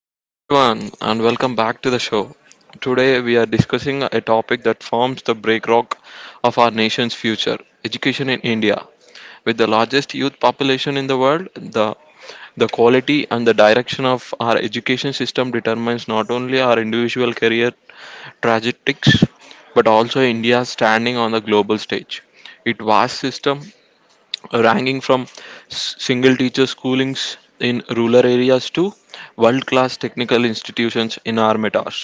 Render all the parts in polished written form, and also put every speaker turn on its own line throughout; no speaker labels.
Hello, everyone, and welcome back to the show. Today, we are discussing a topic that forms the breakrock of our nation's future education in India. With the largest youth population in the world, the quality and the direction of our education system determines not only our individual career trajectories but also India's standing on the global stage. It vast system ranging from single teacher schoolings in rural areas to world class technical institutions in our metas.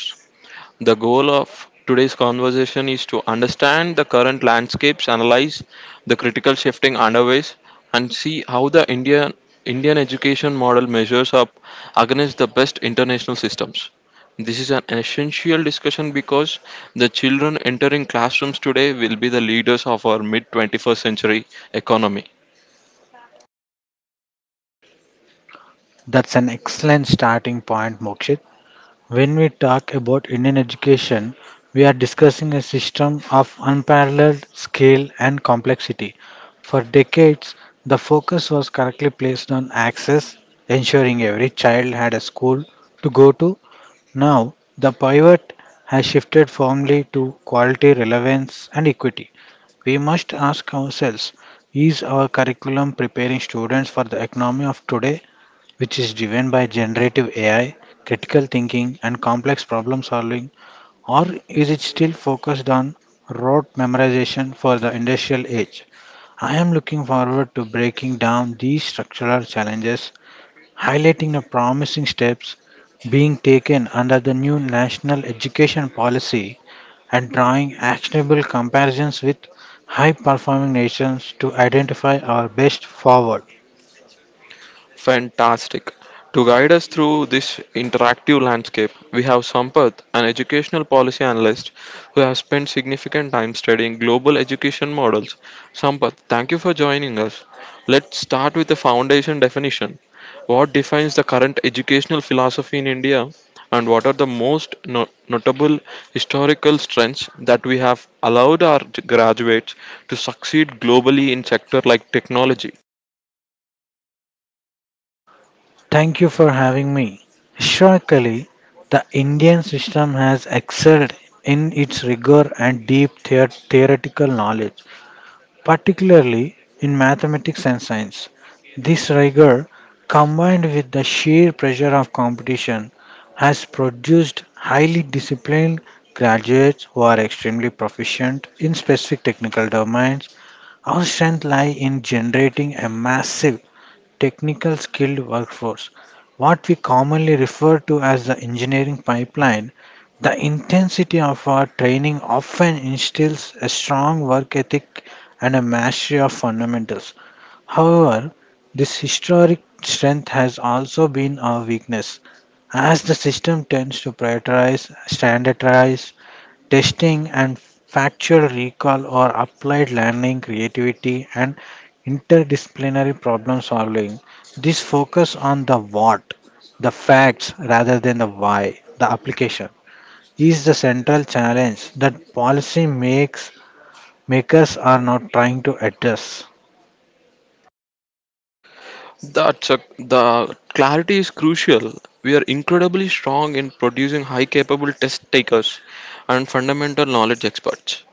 The goal of today's conversation is to understand the current landscapes, analyze the critical shifting underways, and see how the Indian education model measures up against the best international systems. This is an essential discussion because the children entering classrooms today will be the leaders of our mid 21st century economy.
That's an excellent starting point, Mokshit. When we talk about Indian education, we are discussing a system of unparalleled scale and complexity. For decades, the focus was correctly placed on access, ensuring every child had a school to go to. Now, the pivot has shifted firmly to quality, relevance, and equity. We must ask ourselves, is our curriculum preparing students for the economy of today, which is driven by generative AI, critical thinking, and complex problem solving, or is it still focused on rote memorization for the industrial age? I am looking forward to breaking down these structural challenges, highlighting the promising steps being taken under the new national education policy, and drawing actionable comparisons with high performing nations to identify our best forward.
Fantastic. To guide us through this interactive landscape, we have Sampath, an educational policy analyst who has spent significant time studying global education models. Sampath, thank you for joining us. Let's start with the foundation definition. What defines the current educational philosophy in India, and what are the most notable historical strengths that we have allowed our graduates to succeed globally in sector like technology?
Thank you for having me. Historically, the Indian system has excelled in its rigor and deep theoretical knowledge, particularly in mathematics and science. This rigor, combined with the sheer pressure of competition, has produced highly disciplined graduates who are extremely proficient in specific technical domains. Our strength lies in generating a massive technical skilled workforce, what we commonly refer to as the engineering pipeline. The intensity of our training often instills a strong work ethic and a mastery of fundamentals. However, this historic strength has also been our weakness, as the system tends to prioritize, standardize, testing and factual recall or applied learning, creativity, and interdisciplinary problem solving. This focus on the what, the facts rather than the why, the application, is the central challenge that policy makes makers are not trying to address.
The clarity is crucial. We are incredibly strong in producing high capable test takers and fundamental knowledge experts.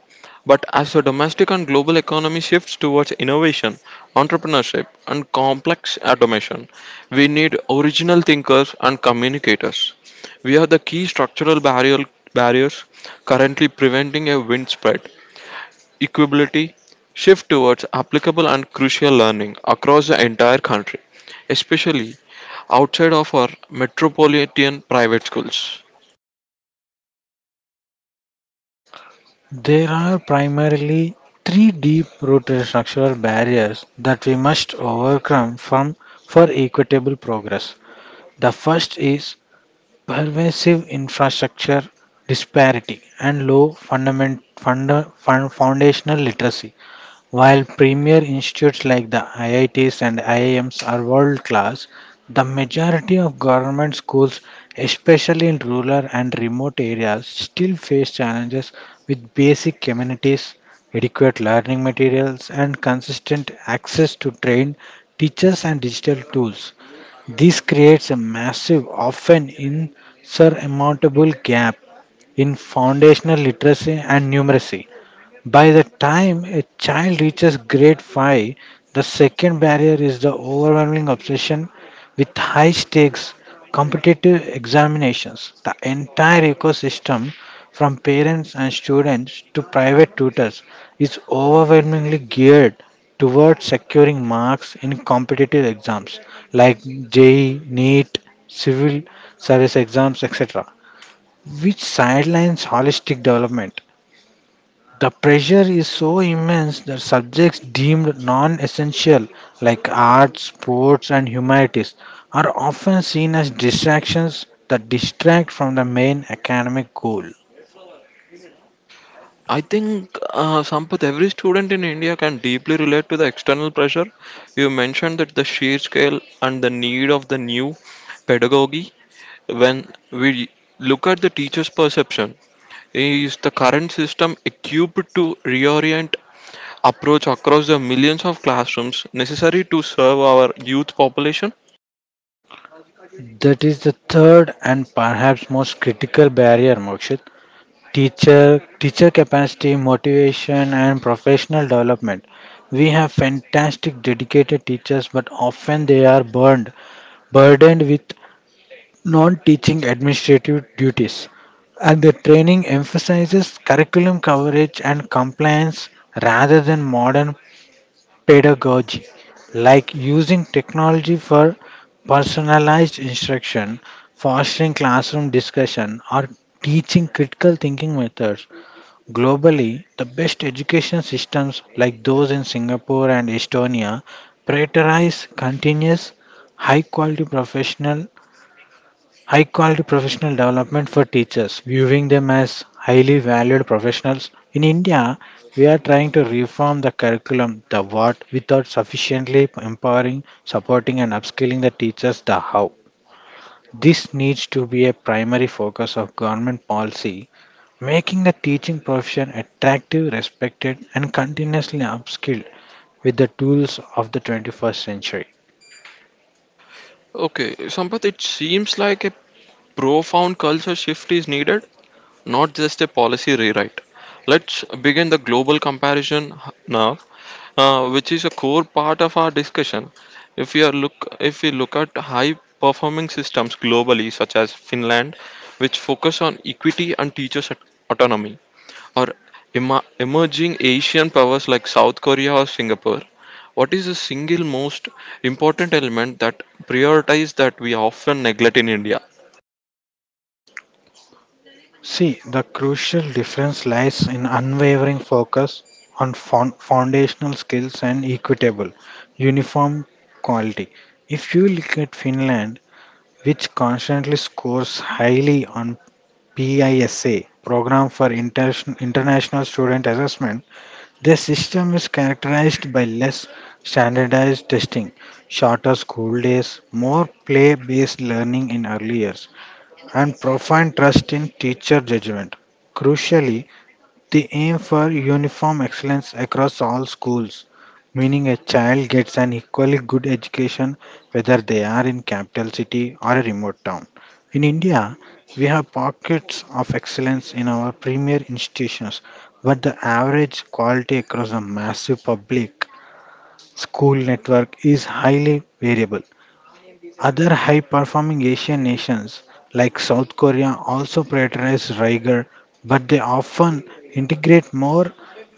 But as the domestic and global economy shifts towards innovation, entrepreneurship, and complex automation, we need original thinkers and communicators. We are the key barriers currently preventing a wind spread equability shift towards applicable and crucial learning across the entire country, especially outside of our metropolitan private schools.
There are primarily three deep-rooted structural barriers that we must overcome from for equitable progress. The first is pervasive infrastructure disparity and low foundational literacy. While premier institutes like the IITs and IIMs are world class, the majority of government schools, especially in rural and remote areas, still face challenges with basic amenities, adequate learning materials, and consistent access to trained teachers and digital tools. This creates a massive, often insurmountable gap in foundational literacy and numeracy. By the time a child reaches grade 5, the second barrier is the overwhelming obsession with high stakes competitive examinations. The entire ecosystem, from parents and students to private tutors, is overwhelmingly geared towards securing marks in competitive exams like JEE, NEET, civil service exams, etc., which sidelines holistic development. The pressure is so immense that subjects deemed non essential, like arts, sports, and humanities, are often seen as distractions that distract from the main academic goal.
I think, Sampath, every student in India can deeply relate to the external pressure. You mentioned that the sheer scale and the need of the new pedagogy. When we look at the teacher's perception, is the current system equipped to reorient approach across the millions of classrooms necessary to serve our youth population?
That is the third and perhaps most critical barrier, Mokshit. Teacher capacity, motivation, and professional development. We have fantastic dedicated teachers, but often they are burdened with non-teaching administrative duties, and the training emphasizes curriculum coverage and compliance rather than modern pedagogy like using technology for personalized instruction, fostering classroom discussion, or teaching critical thinking methods. Globally, the best education systems, like those in Singapore and Estonia, prioritize continuous high quality professional High quality professional development for teachers, viewing them as highly valued professionals. In India, we are trying to reform the curriculum, the what, without sufficiently empowering, supporting, and upskilling the teachers, the how. This needs to be a primary focus of government policy, making the teaching profession attractive, respected, and continuously upskilled with the tools of the 21st century.
Okay, Sampath, it seems like a profound culture shift is needed, not just a policy rewrite. Let's begin the global comparison now, which is a core part of our discussion. If we are look, if we look at high performing systems globally, such as Finland, which focus on equity and teachers' autonomy, or ema emerging Asian powers like South Korea or Singapore, what is the single most important element that prioritize that we often neglect in India?
See, the crucial difference lies in unwavering focus on foundational skills and equitable, uniform quality. If you look at Finland, which constantly scores highly on PISA, program for international student assessment, their system is characterized by less standardized testing, shorter school days, more play-based learning in earlier, and profound trust in teacher judgment. Crucially, the aim for uniform excellence across all schools, meaning a child gets an equally good education whether they are in capital city or a remote town. In India, we have pockets of excellence in our premier institutions, but the average quality across a massive public school network is highly variable. Other high performing Asian nations like South Korea also prioritize rigor, but they often integrate more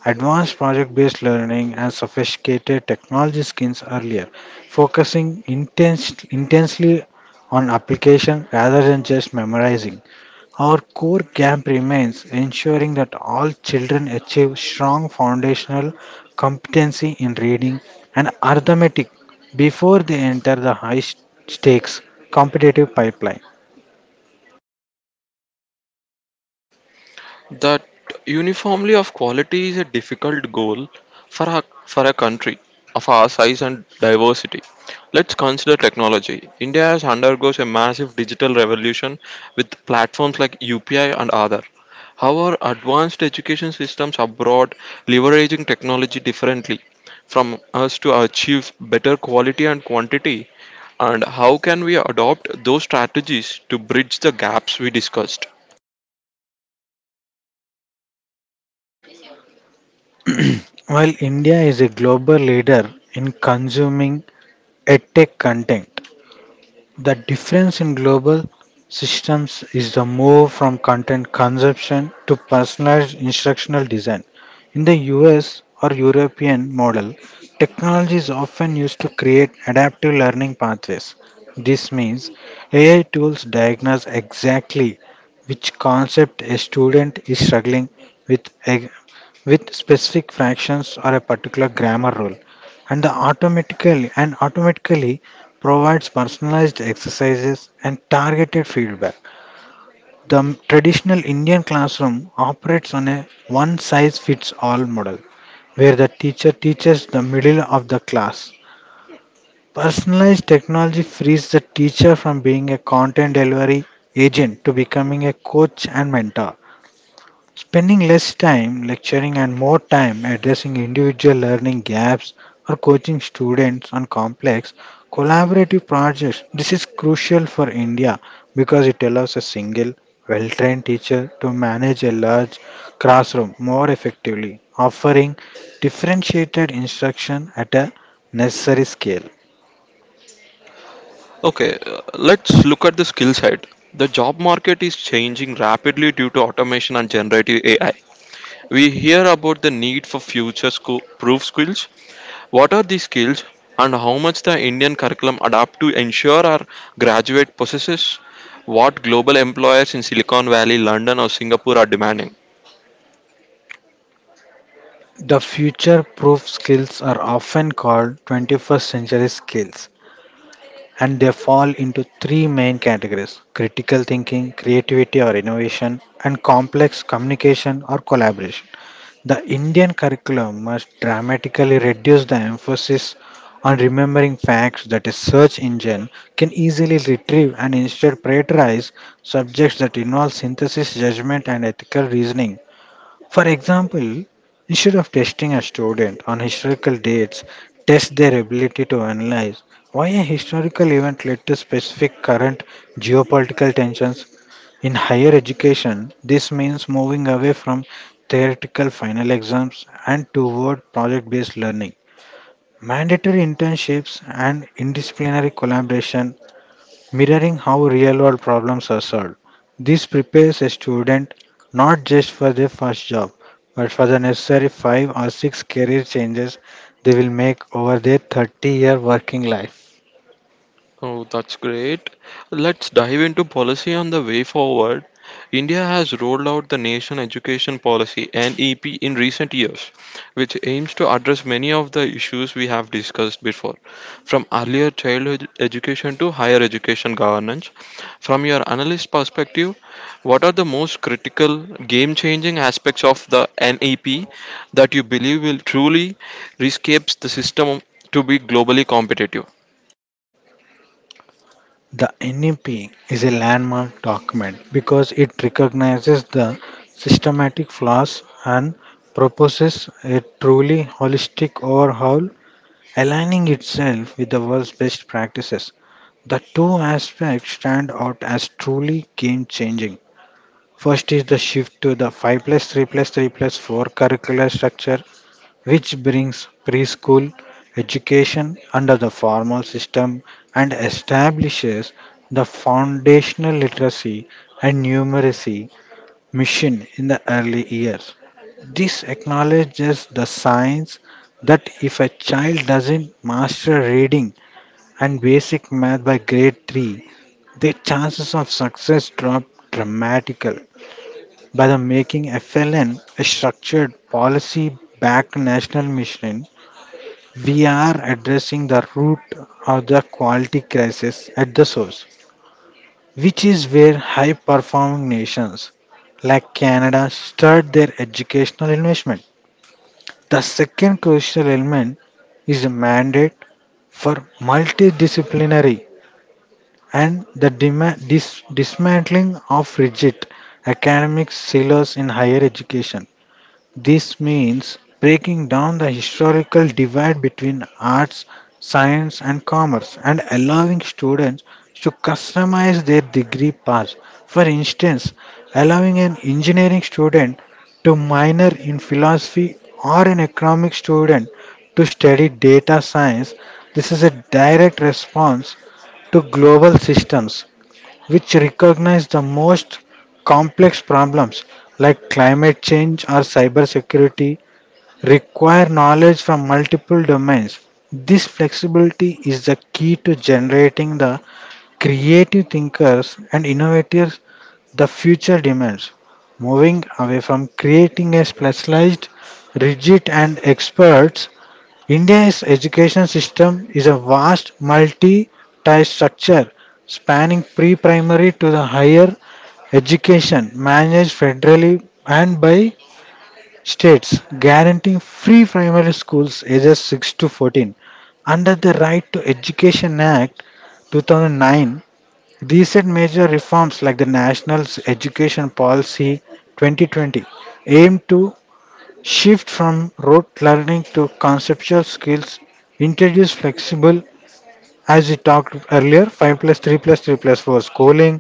advanced project based learning and sophisticated technology skills earlier, focusing intensely on application rather than just memorizing. Our core camp remains ensuring that all children achieve strong foundational competency in reading and arithmetic before they enter the high stakes competitive pipeline.
That uniformly of quality is a difficult goal for for a country of our size and diversity. Let's consider technology. India has undergoes a massive digital revolution with platforms like UPI and other. However, advanced education systems abroad leveraging technology differently from us to achieve better quality and quantity and how can we adopt those strategies to bridge the gaps we discussed.
While India is a global leader in consuming edtech content, the difference in global systems is the move from content consumption to personalized instructional design. In the US or European model, technology is often used to create adaptive learning pathways. This means AI tools diagnose exactly which concept a student is struggling with with, specific fractions or a particular grammar rule, and the automatically and automatically provides personalized exercises and targeted feedback. The traditional Indian classroom operates on a one size fits all model where the teacher teaches the middle of the class. Personalized technology frees the teacher from being a content delivery agent to becoming a coach and mentor, spending less time lecturing and more time addressing individual learning gaps or coaching students on complex collaborative projects. This is crucial for India because it allows a single well trained teacher to manage a large classroom more effectively, offering differentiated instruction at a necessary scale.
Okay, let's look at the skill side. The job market is changing rapidly due to automation and generative AI. We hear about the need for future proof skills. What are these skills and how much the Indian curriculum adapt to ensure our graduate possesses what global employers in Silicon Valley, London or Singapore are demanding?
The future proof skills are often called 21st century skills, and they fall into three main categories: critical thinking, creativity or innovation, and complex communication or collaboration. The Indian curriculum must dramatically reduce the emphasis on remembering facts that a search engine can easily retrieve, and instead prioritize subjects that involve synthesis, judgment, and ethical reasoning. For example, instead of testing a student on historical dates, test their ability to analyze why a historical event led to specific current geopolitical tensions. In higher education, this means moving away from theoretical final exams and toward project based learning, mandatory internships, and interdisciplinary collaboration, mirroring how real world problems are solved. This prepares a student not just for their first job, but for the necessary five or six career changes they will make over their 30-year working life.
Oh, that's great. Let's dive into policy on the way forward. India has rolled out the Nation Education Policy (NEP) in recent years, which aims to address many of the issues we have discussed before, from earlier childhood education to higher education governance. From your analyst perspective, what are the most critical game-changing aspects of the NEP that you believe will truly rescapes the system to be globally competitive?
The NEP is a landmark document because it recognizes the systematic flaws and proposes a truly holistic overhaul, aligning itself with the world's best practices. The two aspects stand out as truly game changing. First is the shift to the 5 plus 3 plus 3 plus 4 curricular structure, which brings preschool education under the formal system and establishes the foundational literacy and numeracy mission in the early years. This acknowledges the science that if a child doesn't master reading and basic math by grade 3, their chances of success drop dramatically. By the making FLN a structured policy-backed national mission, we are addressing the root of the quality crisis at the source, which is where high-performing nations like Canada start their educational investment. The second crucial element is a mandate for multidisciplinary and the dismantling of rigid academic silos in higher education. This means breaking down the historical divide between arts, science, and commerce, and allowing students to customize their degree paths. For instance, allowing an engineering student to minor in philosophy, or an economic student to study data science. This is a direct response to global systems which recognize the most complex problems, like climate change or cybersecurity, require knowledge from multiple domains. This flexibility is the key to generating the creative thinkers and innovators the future demands, moving away from creating a specialized, rigid, and experts. India's education system is a vast multi tier structure spanning pre primary to the higher education, managed federally and by states, guaranteeing free primary schools ages 6 to 14 under the Right to Education Act 2009. Recent major reforms like the National Education Policy 2020 aim to shift from rote learning to conceptual skills, introduce flexible, as we talked earlier, 5 plus 3 plus 3 plus 4 schooling,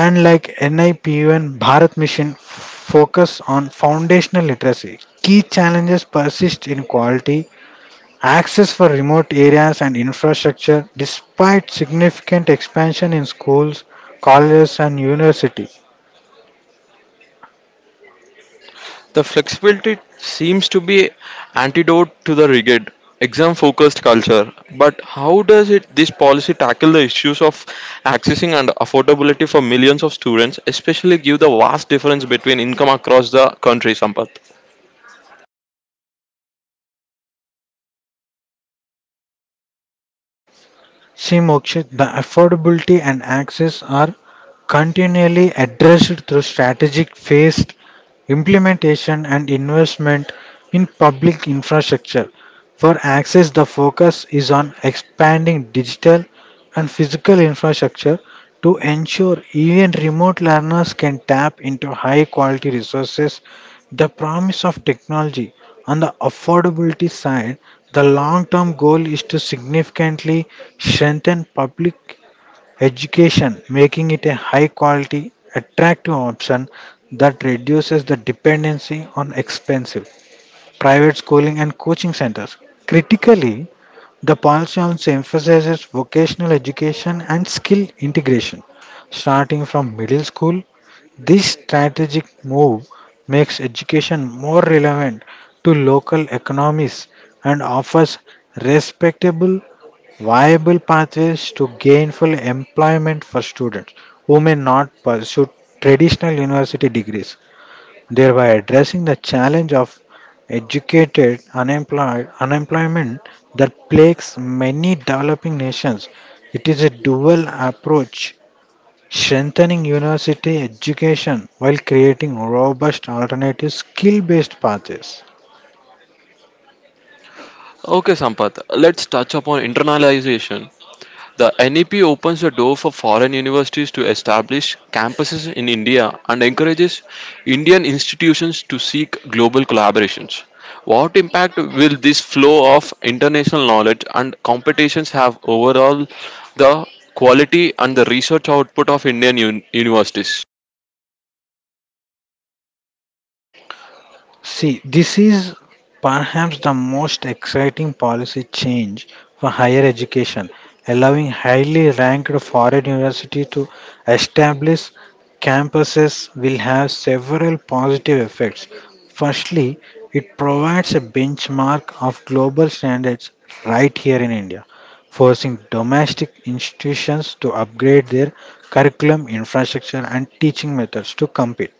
and like NIPU and Bharat Mission focus on foundational literacy. Key challenges persist in quality, access for remote areas, and infrastructure, despite significant expansion in schools, colleges, and universities.
The flexibility seems to be antidote to the rigid, exam-focused culture. But how does it this policy tackle the issues of accessing and affordability for millions of students, especially give the vast difference between income across the country, Sampath?
See, Mokshit, the affordability and access are continually addressed through strategic phased implementation and investment in public infrastructure. For access, the focus is on expanding digital and physical infrastructure to ensure even remote learners can tap into high quality resources, the promise of technology. On the affordability side, the long term goal is to significantly strengthen public education, making it a high quality, attractive option that reduces the dependency on expensive private schooling and coaching centers. Critically, the policy also emphasizes vocational education and skill integration starting from middle school. This strategic move makes education more relevant to local economies and offers respectable, viable pathways to gainful employment for students who may not pursue traditional university degrees, thereby addressing the challenge of educated unemployed unemployment that plagues many developing nations. It is a dual approach, strengthening university education while creating robust alternative skill-based pathways.
Okay, Sampath, let's touch upon internalization. The NEP opens the door for foreign universities to establish campuses in India and encourages Indian institutions to seek global collaborations. What impact will this flow of international knowledge and competitions have overall the quality and the research output of Indian universities?
See, this is perhaps the most exciting policy change for higher education, allowing highly ranked foreign universities to establish campuses will have several positive effects. Firstly, it provides a benchmark of global standards right here in India, forcing domestic institutions to upgrade their curriculum, infrastructure, and teaching methods to compete.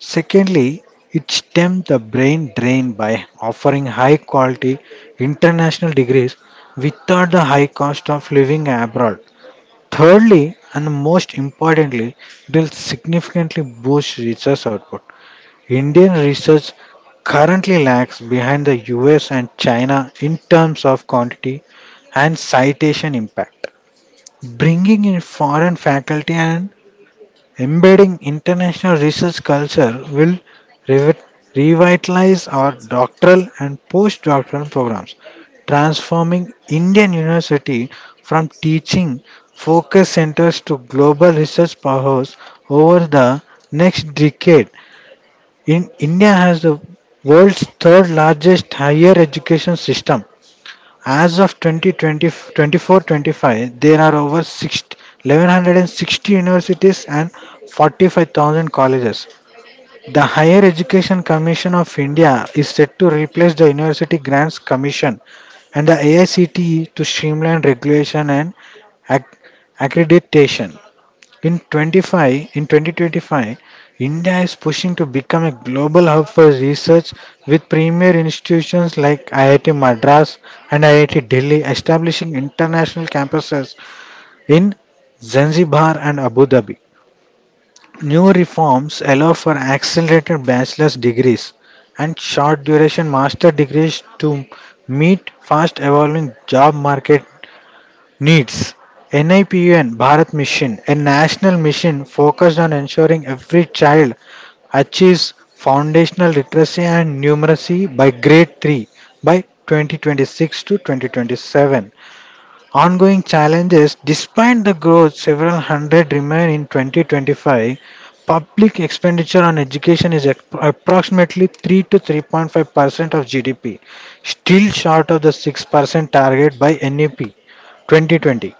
Secondly, it stemmed the brain drain by offering high quality international degrees without the high cost of living abroad. Thirdly, and most importantly, it will significantly boost research output. Indian research currently lags behind the US and China in terms of quantity and citation impact. Bringing in foreign faculty and embedding international research culture will revi- revitalize our doctoral and postdoctoral programs, transforming Indian university from teaching focus centers to global research powerhouse over the next decade. In India has the world's third largest higher education system as of 25, there are over six eleven hundred 60 1160 universities and 45,000 colleges. The Higher Education Commission of India is set to replace the University Grants Commission and the AICTE to streamline regulation and ac- accreditation. In 2025, India is pushing to become a global hub for research with premier institutions like IIT Madras and IIT Delhi establishing international campuses in Zanzibar and Abu Dhabi. New reforms allow for accelerated bachelor's degrees and short duration master degrees to meet fast evolving job market needs. NIPUN Bharat Mission, a national mission focused on ensuring every child achieves foundational literacy and numeracy by grade 3 by 2026 to 2027. Ongoing challenges, despite the growth, several hundred remain in 2025. Public expenditure on education is approximately 3 to 3.5% of GDP, still short of the 6% target by NEP 2020.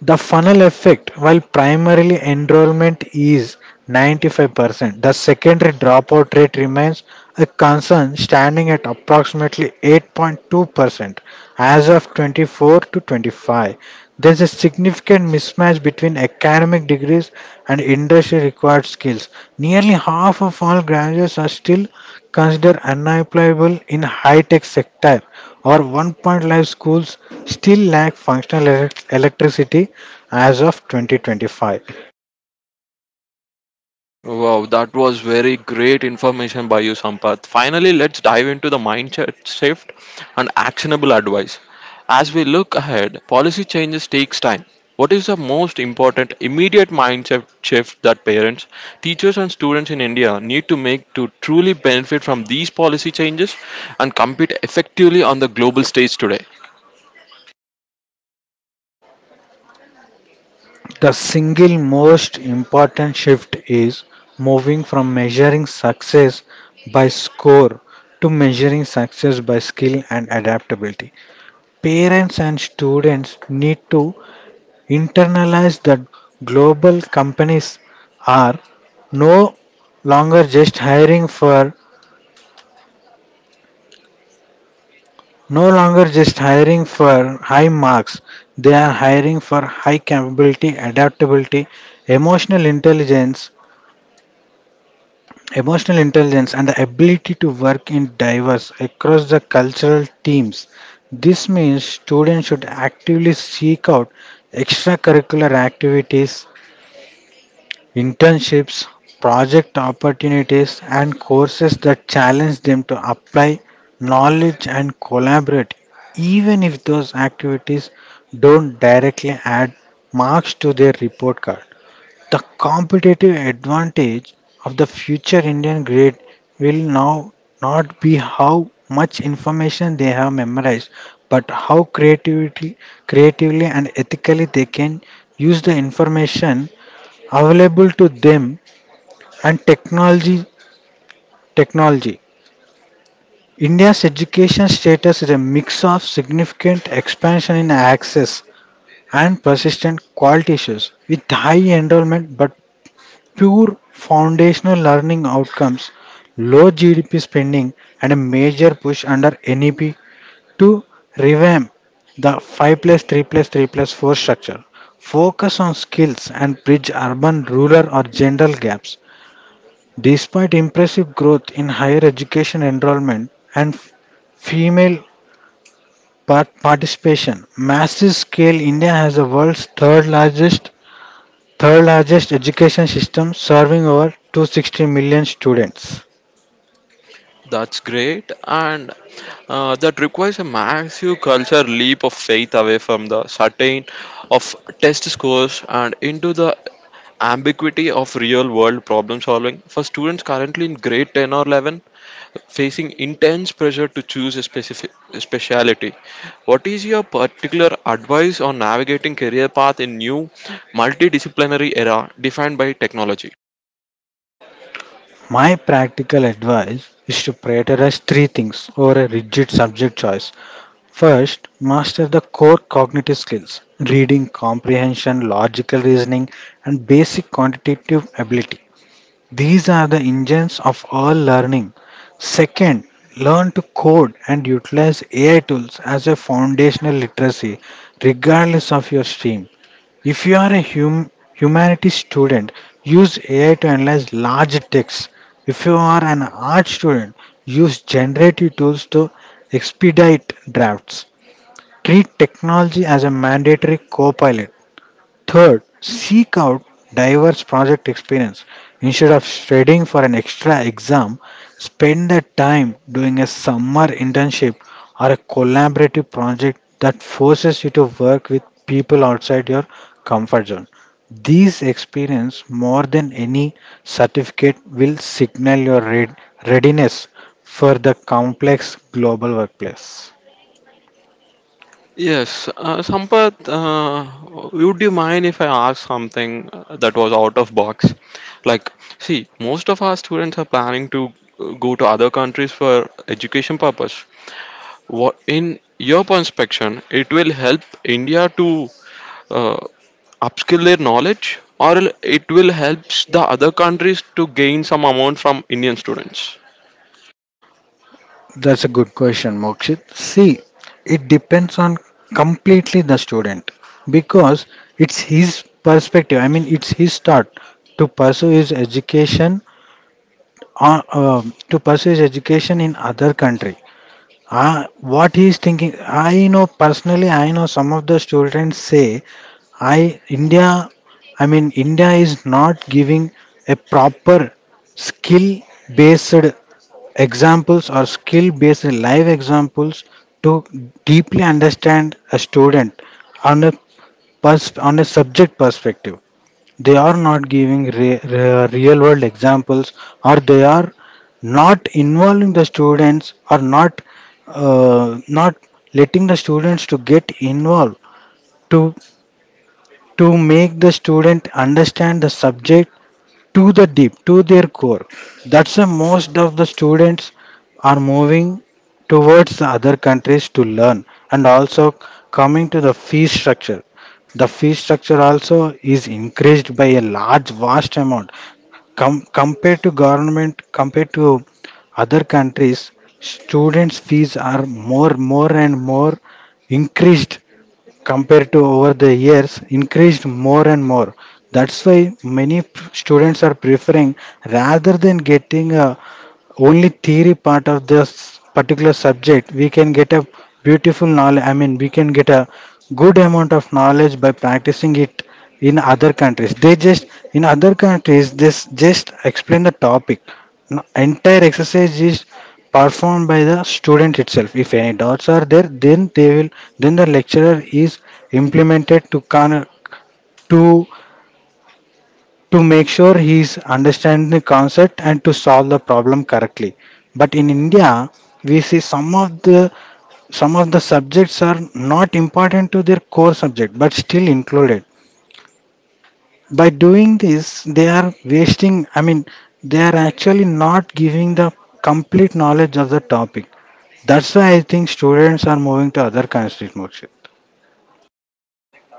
The funnel effect, while primarily enrollment is 95%, the secondary dropout rate remains a concern standing at approximately 8.2% as of 24 to 25. There's a significant mismatch between academic degrees and industry required skills. Nearly half of all graduates are still considered unemployable in high tech sector. Our 1.5 schools still lack functional electricity as of 2025.
Wow, that was very great information by you, Sampath. Finally, let's dive into the mindset shift and actionable advice. As we look ahead, policy changes takes time. What is the most important immediate mindset shift that parents, teachers and students in India need to make to truly benefit from these policy changes and compete effectively on the global stage today?
The single most important shift is moving from measuring success by score to measuring success by skill and adaptability. Parents and students need to internalize that global companies are no longer just hiring for no longer just hiring for high marks. They are hiring for high capability, adaptability, emotional intelligence emotional intelligence, and the ability to work in diverse across the cultural teams. This means students should actively seek out extracurricular activities, internships, project opportunities, and courses that challenge them to apply knowledge and collaborate, even if those activities don't directly add marks to their report card. The competitive advantage of the future Indian grade will now not be how much information they have memorized, but how creatively and ethically they can use the information available to them and technology. India's education status is a mix of significant expansion in access and persistent quality issues, with high enrollment but poor foundational learning outcomes, low GDP spending, and a major push under NEP to revamp the 5 plus 3 plus 3 plus 4 structure, focus on skills, and bridge urban rural or gender gaps. Despite impressive growth in higher education enrollment and female participation, massive scale, India has the world's third largest education system serving over 260 million students.
That's great, and that requires a massive culture leap of faith away from the certain of test scores and into the ambiguity of real world problem solving. For students currently in grade 10 or 11, facing intense pressure to choose a specific speciality, what is your particular advice on navigating career path in new multidisciplinary era defined by technology?
My practical advice is to prioritize three things over a rigid subject choice. First, master the core cognitive skills: reading, comprehension, logical reasoning, and basic quantitative ability. These are the engines of all learning. Second, learn to code and utilize AI tools as a foundational literacy, regardless of your stream. If you are a humanities student, use AI to analyze large texts. If you are an art student, use generative tools to expedite drafts. Treat technology as a mandatory co. Third, seek out diverse project experience. Instead of studying for an extra exam, spend the time doing a summer internship or a collaborative project that forces you to work with people outside your comfort zone. These experience more than any certificate will signal your readiness for the complex global workplace.
Yes, Sampath, would you mind if I ask something that was out of box? Like, see, most of our students are planning to go to other countries for education purpose. What, in your perspective, it will help India to uh, upskill their knowledge, or it will help the other countries to gain some amount from Indian students?
That's a good question, Mokshit. See, it depends on completely the student because it's his perspective. I mean, it's his thought to pursue his education or to pursue his education in other country. What he is thinking, I know personally. I know some of the students say, "I India." I mean, India is not giving a proper skill based examples or skill based live examples to deeply understand a student on on a subject perspective. They are not giving real world examples, or they are not involving the students, or not not letting the students to get involved to to make the student understand the subject to the deep to their core. That's why most of the students are moving towards the other countries to learn. And also, coming to the fee structure, the fee structure also is increased by a large vast amount. Compared to government, compared to other countries, students fees are more increased compared to over the years, increased more and more. That's why many students are preferring, rather than getting a only theory part of this particular subject, we can get a beautiful knowledge. I mean, we can get a good amount of knowledge by practicing it. In other countries, they just in other countries they s- just explain the topic. No, entire exercise is performed by the student itself. If any doubts are there, then they will, then the lecturer is implemented to to to make sure he is understanding the concept and to solve the problem correctly. But in India, we see some of the subjects are not important to their core subject but still included. By doing this, they are wasting. I mean, they are actually not giving the complete knowledge of the topic. That's why I think students are moving to other countries, Mokshit.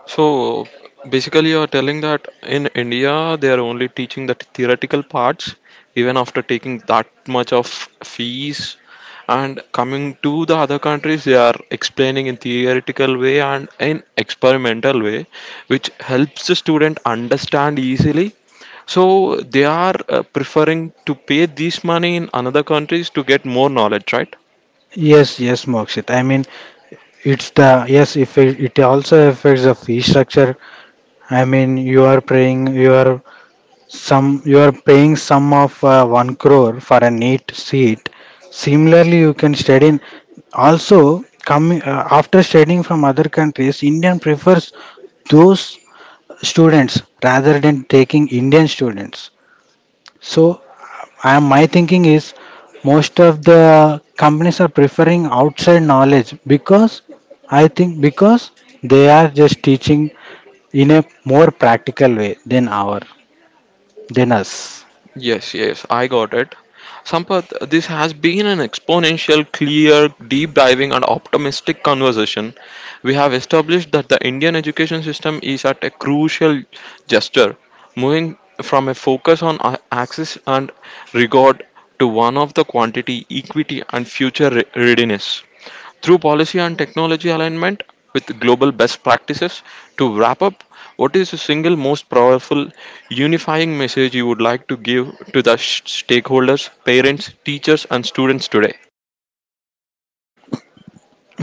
So basically, you are telling that in India they are only teaching the theoretical parts, even after taking that much of fees. And coming to the other countries, they are explaining in theoretical way and in experimental way, which helps the student understand easily. So they are preferring to pay this money in another countries to get more knowledge, right?
Yes, yes, Mokshit. I mean, it's the yes. If it also affects the fee structure. I mean, you are paying some of 1 crore for a neat seat. Similarly, you can study. In, also, coming after studying from other countries, Indian prefers those students rather than taking Indian students. So I, my thinking is most of the companies are preferring outside knowledge because I think because they are just teaching in a more practical way than our than us.
Yes, yes, I got it. Sampath, this has been an exponential, clear, deep diving, and optimistic conversation. We have established that the Indian education system is at a crucial gesture, moving from a focus on access and regard to one of the quantity, equity, and future readiness through policy and technology alignment with global best practices. To wrap up, what is the single most powerful unifying message you would like to give to the stakeholders, parents, teachers, and students today?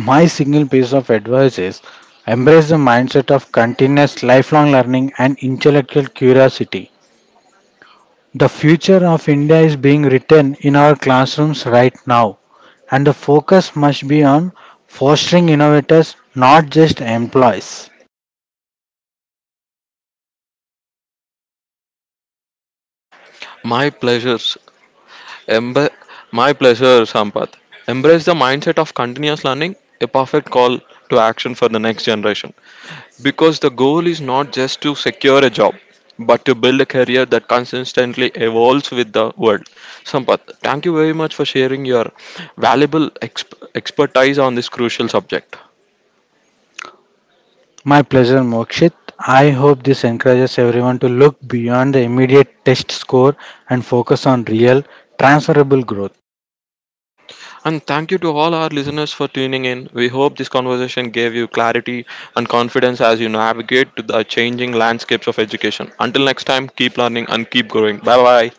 My single piece of advice is embrace the mindset of continuous lifelong learning and intellectual curiosity. The future of India is being written in our classrooms right now, and the focus must be on fostering innovators, not just employees.
My pleasures. Embe- my pleasure, Sampath. Embrace the mindset of continuous learning, a perfect call to action for the next generation. Because the goal is not just to secure a job, but to build a career that consistently evolves with the world. Sampath, thank you very much for sharing your valuable expertise on this crucial subject.
My pleasure, Mokshit. I hope this encourages everyone to look beyond the immediate test score and focus on real, transferable growth.
And thank you to all our listeners for tuning in. We hope this conversation gave you clarity and confidence as you navigate to the changing landscapes of education. Until next time, keep learning and keep growing. Bye bye.